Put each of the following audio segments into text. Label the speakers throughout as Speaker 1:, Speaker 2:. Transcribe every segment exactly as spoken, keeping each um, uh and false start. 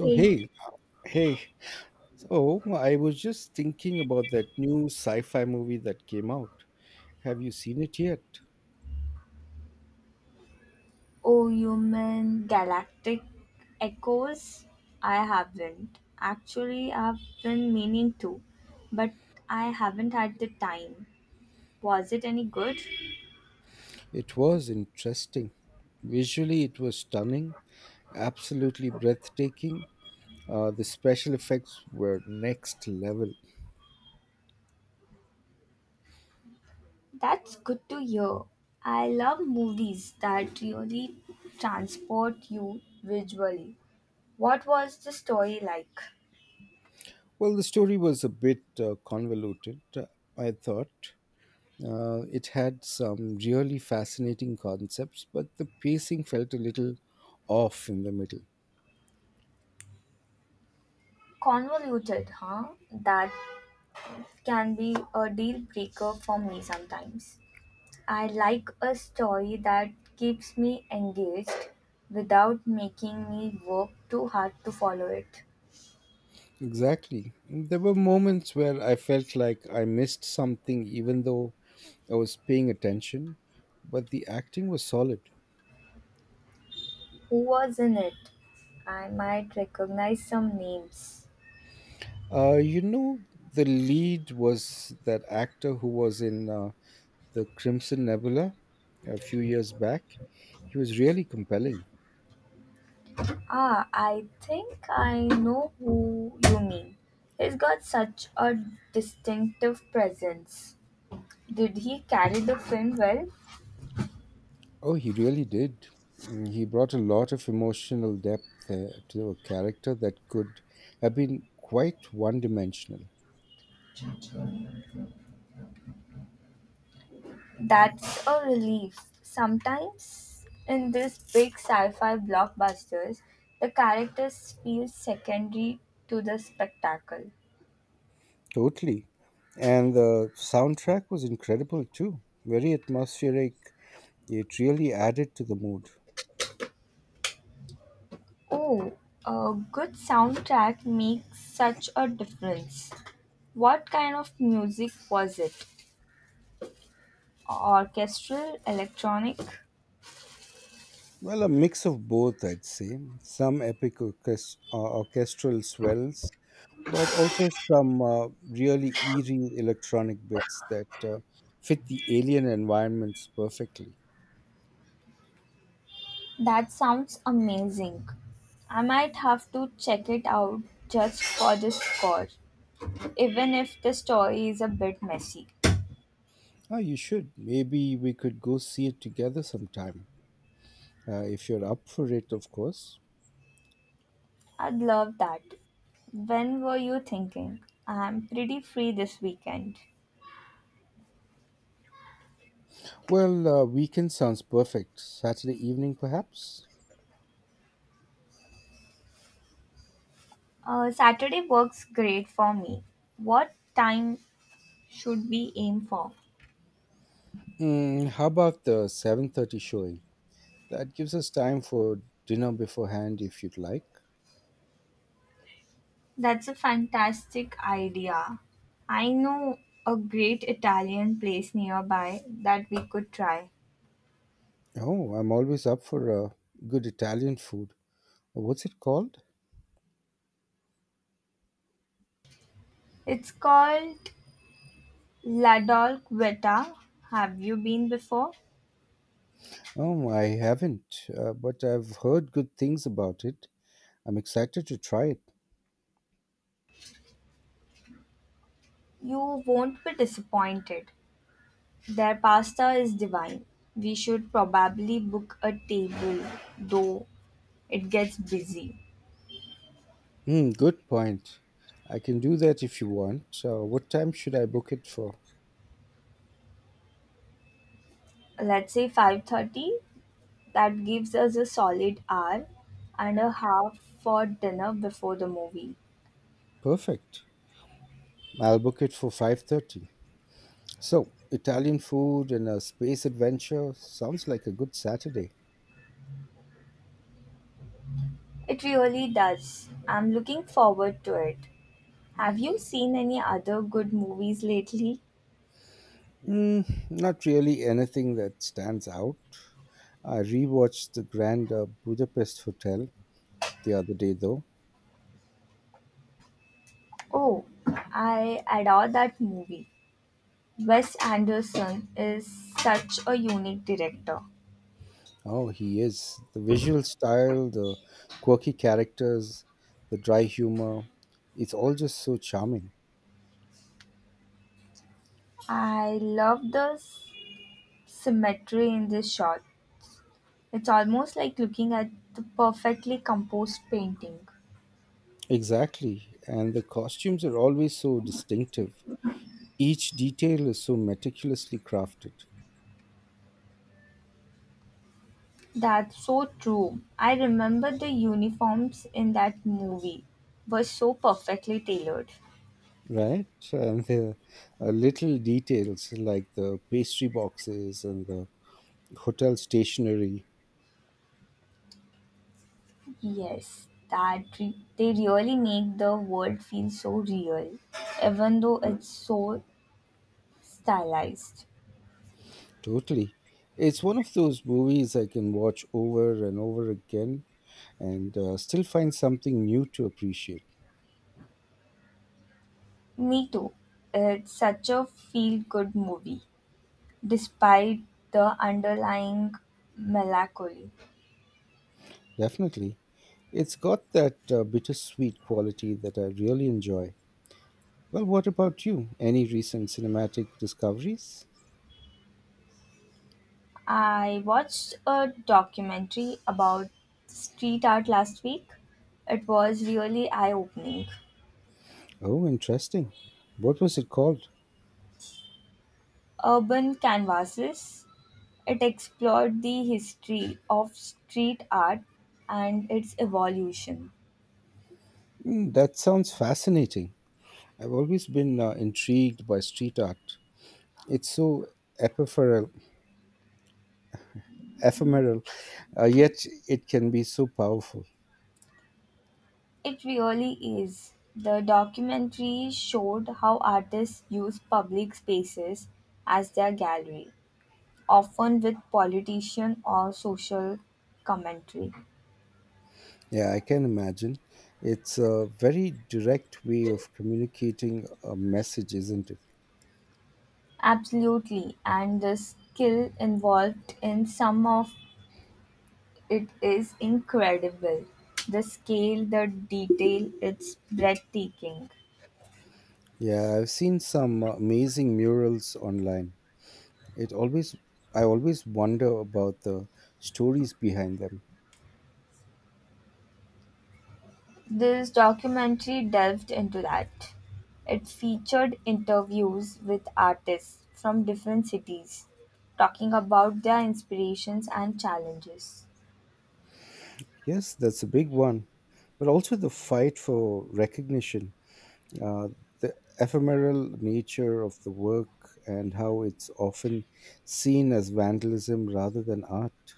Speaker 1: Oh,
Speaker 2: Hey,
Speaker 1: hey, hey. So I was just thinking about that new sci fi movie that came out. Have you seen it yet?
Speaker 2: oh, you mean Galactic Echoes? I haven't. Actually, I've been meaning to, but I haven't had the time. Was it any good?
Speaker 1: It was interesting. Visually, it was stunning, absolutely breathtaking. Uh, the special effects were next level.
Speaker 2: That's good to hear. I love movies that really transport you visually. What was the story like?
Speaker 1: Well, the story was a bit uh, convoluted, uh, I thought. Uh, it had some really fascinating concepts, but the pacing felt a little off in the middle.
Speaker 2: Convoluted, huh? That can be a deal breaker for me sometimes. I like a story that keeps me engaged without making me work too hard to follow it.
Speaker 1: Exactly. There were moments where I felt like I missed something, even though I was paying attention, but the acting was solid.
Speaker 2: Who was in it? I might recognize some names.
Speaker 1: Uh, you know, the lead was that actor who was in uh, the Crimson Nebula a few years back. He was really compelling.
Speaker 2: Ah, I think I know who you mean. He's got such a distinctive presence. Did he carry the film well?
Speaker 1: Oh, he really did. Mm, he brought a lot of emotional depth uh, to a character that could have been quite one dimensional.
Speaker 2: That's a relief. Sometimes in these big sci-fi blockbusters, the characters feel secondary to the spectacle.
Speaker 1: Totally. And the soundtrack was incredible too. Very atmospheric. It really added to the mood.
Speaker 2: Oh, a good soundtrack makes such a difference. What kind of music was it? Orchestral, electronic?
Speaker 1: Well, a mix of both, I'd say. Some epic orchest- uh, orchestral swells, but also some uh, really eerie electronic bits that uh, fit the alien environments perfectly.
Speaker 2: That sounds amazing. I might have to check it out just for the score, even if the story is a bit messy.
Speaker 1: Oh, you should. Maybe we could go see it together sometime. Uh, if you're up for it, of course.
Speaker 2: I'd love that. When were you thinking? I'm pretty free this weekend.
Speaker 1: Well, uh, weekend sounds perfect. Saturday evening, perhaps.
Speaker 2: Uh, Saturday works great for me. What time should we aim for?
Speaker 1: Mm, how about the seven thirty showing? That gives us time for dinner beforehand, if you'd like.
Speaker 2: That's a fantastic idea. I know a great Italian place nearby that we could try.
Speaker 1: Oh, I'm always up for uh, good Italian food. What's it called?
Speaker 2: It's called La Dolcetta. Have you been before?
Speaker 1: Oh, I haven't, uh, but I've heard good things about it. I'm excited to try it.
Speaker 2: You won't be disappointed. Their pasta is divine. We should probably book a table, though it gets busy.
Speaker 1: Hmm, good point. I can do that if you want. Uh, what time should I book it for?
Speaker 2: Let's say five thirty. That gives us a solid hour and a half for dinner before the movie.
Speaker 1: Perfect. I'll book it for five thirty. So, Italian food and a space adventure sounds like a good Saturday.
Speaker 2: It really does. I'm looking forward to it. Have you seen any other good movies lately?
Speaker 1: Mm, not really anything that stands out. I rewatched the Grand uh, Budapest Hotel the other day, though.
Speaker 2: Oh, I adore that movie. Wes Anderson is such a unique director.
Speaker 1: Oh, he is. The visual style, the quirky characters, the dry humor, it's all just so charming.
Speaker 2: I love the symmetry in this shot. It's almost like looking at the perfectly composed painting.
Speaker 1: Exactly. And the costumes are always so distinctive. Each detail is so meticulously crafted.
Speaker 2: That's so true. I remember the uniforms in that movie were so perfectly tailored.
Speaker 1: Right? So, and the uh, little details like the pastry boxes and the hotel stationery.
Speaker 2: Yes, that re- they really make the world feel so real, even though it's so stylized.
Speaker 1: Totally. It's one of those movies I can watch over and over again and uh, still find something new to appreciate.
Speaker 2: Me too. It's such a feel good movie, despite the underlying melancholy.
Speaker 1: Definitely. It's got that uh, bittersweet quality that I really enjoy. Well, what about you? Any recent cinematic discoveries?
Speaker 2: I watched a documentary about street art last week. It was really eye opening.
Speaker 1: Oh, interesting. What was it called?
Speaker 2: Urban Canvases. It explored the history of street art and its evolution.
Speaker 1: Mm, that sounds fascinating. I've always been uh, intrigued by street art. It's so ephemeral, ephemeral, uh, yet it can be so powerful.
Speaker 2: It really is. The documentary showed how artists use public spaces as their gallery, often with politician or social commentary.
Speaker 1: Yeah, I can imagine. It's a very direct way of communicating a message, isn't it?
Speaker 2: Absolutely, and the skill involved in some of it is incredible. The scale, the detail, it's breathtaking.
Speaker 1: Yeah, I've seen some amazing murals online. It always, I always wonder about the stories behind them.
Speaker 2: This documentary delved into that. It featured interviews with artists from different cities talking about their inspirations and challenges.
Speaker 1: Yes, that's a big one, but also the fight for recognition. uh, the ephemeral nature of the work and how it's often seen as vandalism rather than art.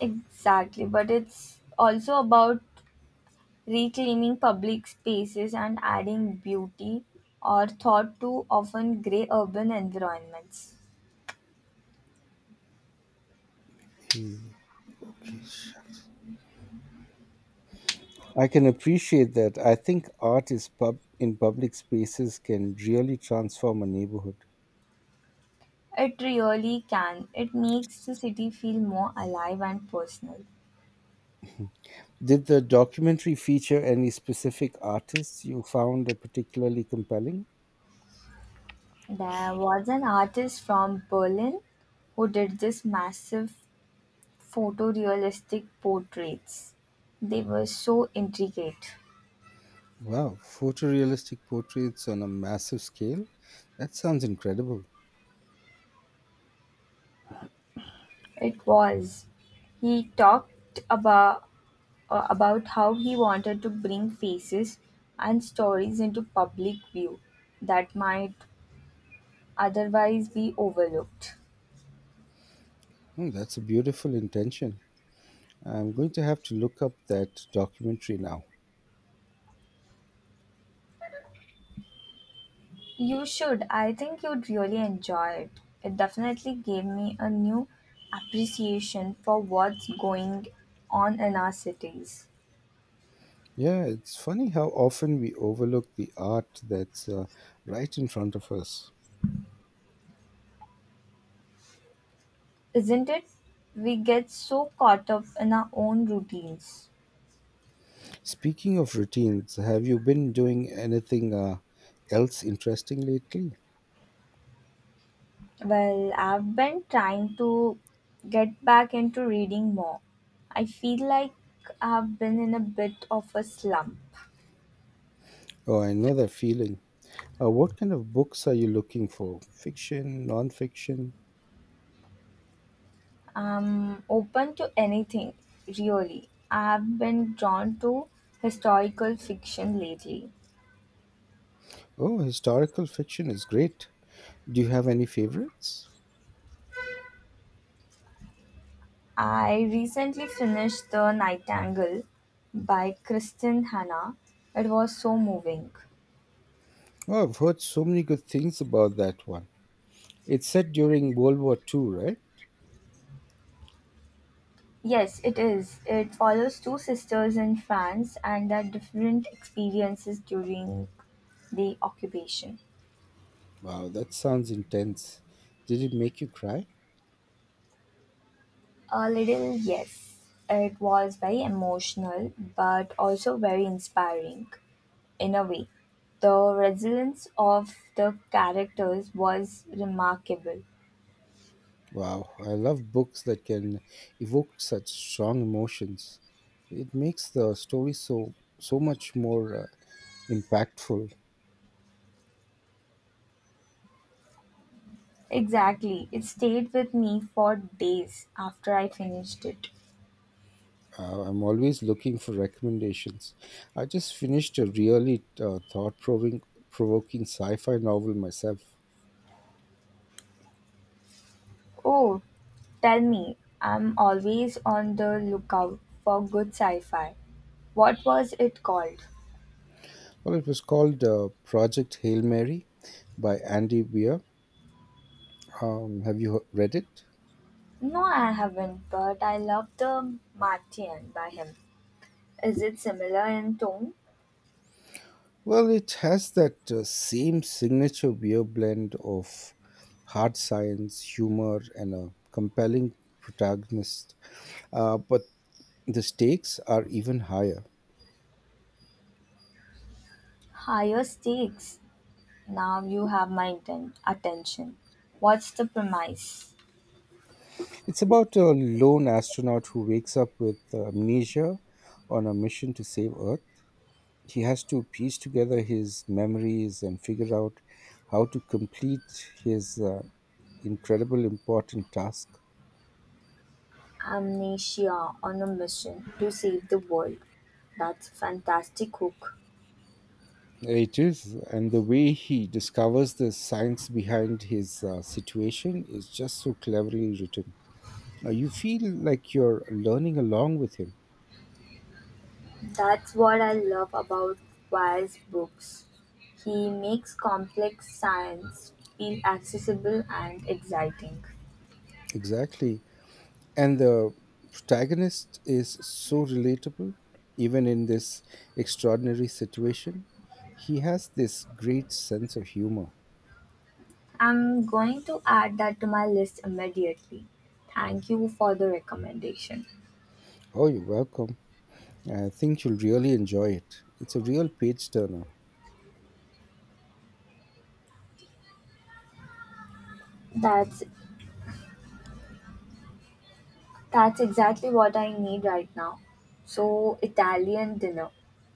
Speaker 2: Exactly, but it's also about reclaiming public spaces and adding beauty are thought to often grey urban environments.
Speaker 1: You- Okay, sure. I can appreciate that. I think art is pub in public spaces can really transform a neighborhood.
Speaker 2: It really can. It makes the city feel more alive and personal.
Speaker 1: Did the documentary feature any specific artists you found are particularly compelling?
Speaker 2: There was an artist from Berlin who did this massive photorealistic portraits. They were so intricate.
Speaker 1: Wow, photorealistic portraits on a massive scale? That sounds incredible.
Speaker 2: It was. He talked about uh, about how he wanted to bring faces and stories into public view that might otherwise be overlooked.
Speaker 1: Hmm, that's a beautiful intention. I'm going to have to look up that documentary now.
Speaker 2: You should. I think you'd really enjoy it. It definitely gave me a new appreciation for what's going on in our cities.
Speaker 1: Yeah, it's funny how often we overlook the art that's uh, right in front of us.
Speaker 2: Isn't it? We get so caught up in our own routines.
Speaker 1: Speaking of routines, have you been doing anything uh, else interesting lately?
Speaker 2: Well, I've been trying to get back into reading more. I feel like I've been in a bit of a slump.
Speaker 1: Oh, I know that feeling. Uh, what kind of books are you looking for? Fiction, non-fiction?
Speaker 2: I'm open to anything, really. I've been drawn to historical fiction lately.
Speaker 1: Oh, historical fiction is great. Do you have any favorites?
Speaker 2: I recently finished The Nightingale by Kristen Hannah. It was so moving.
Speaker 1: Oh, I've heard so many good things about that one. It's set during World War Two, right?
Speaker 2: Yes, it is. It follows two sisters in France and their different experiences during the occupation.
Speaker 1: Wow, that sounds intense. Did it make you cry?
Speaker 2: A little, yes. It was very emotional, but also very inspiring in a way. The resilience of the characters was remarkable.
Speaker 1: Wow, I love books that can evoke such strong emotions. It makes the story so so much more uh, impactful.
Speaker 2: Exactly. It stayed with me for days after I finished it.
Speaker 1: Uh, I'm always looking for recommendations. I just finished a really uh, thought-provoking provoking sci-fi novel myself.
Speaker 2: Oh, tell me, I'm always on the lookout for good sci fi. What was it called?
Speaker 1: Well, it was called uh, Project Hail Mary by Andy Weir. Um, have you he- read it?
Speaker 2: No, I haven't, but I love the Martian by him. Is it similar in tone?
Speaker 1: Well, it has that uh, same signature beer blend of hard science, humor, and a compelling protagonist, uh, but the stakes are even higher.
Speaker 2: Higher stakes. Now you have my atten- attention. What's the premise?
Speaker 1: It's about a lone astronaut who wakes up with amnesia on a mission to save Earth. He has to piece together his memories and figure out how to complete his uh, incredible important task.
Speaker 2: Amnesia on a mission to save the world. That's a fantastic hook.
Speaker 1: It is, and the way he discovers the science behind his uh, situation is just so cleverly written. Uh, you feel like you're learning along with him.
Speaker 2: That's what I love about Wire's books. He makes complex science feel accessible and exciting.
Speaker 1: Exactly. And the protagonist is so relatable, even in this extraordinary situation. He has this great sense of humor.
Speaker 2: I'm going to add that to my list immediately. Thank you for the recommendation.
Speaker 1: Oh, you're welcome. I think you'll really enjoy it. It's a real page turner.
Speaker 2: That's that's exactly what I need right now. So Italian dinner,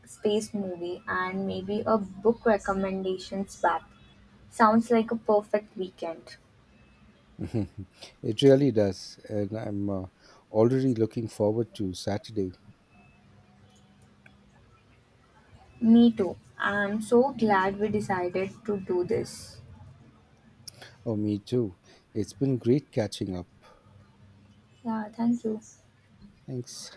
Speaker 2: space movie, and maybe a book recommendations swap. Sounds like a perfect weekend.
Speaker 1: It really does. And I'm uh, already looking forward to Saturday.
Speaker 2: Me too. I'm so glad we decided to do this.
Speaker 1: Oh, me too. It's been great catching up.
Speaker 2: Yeah, thank you.
Speaker 1: Thanks.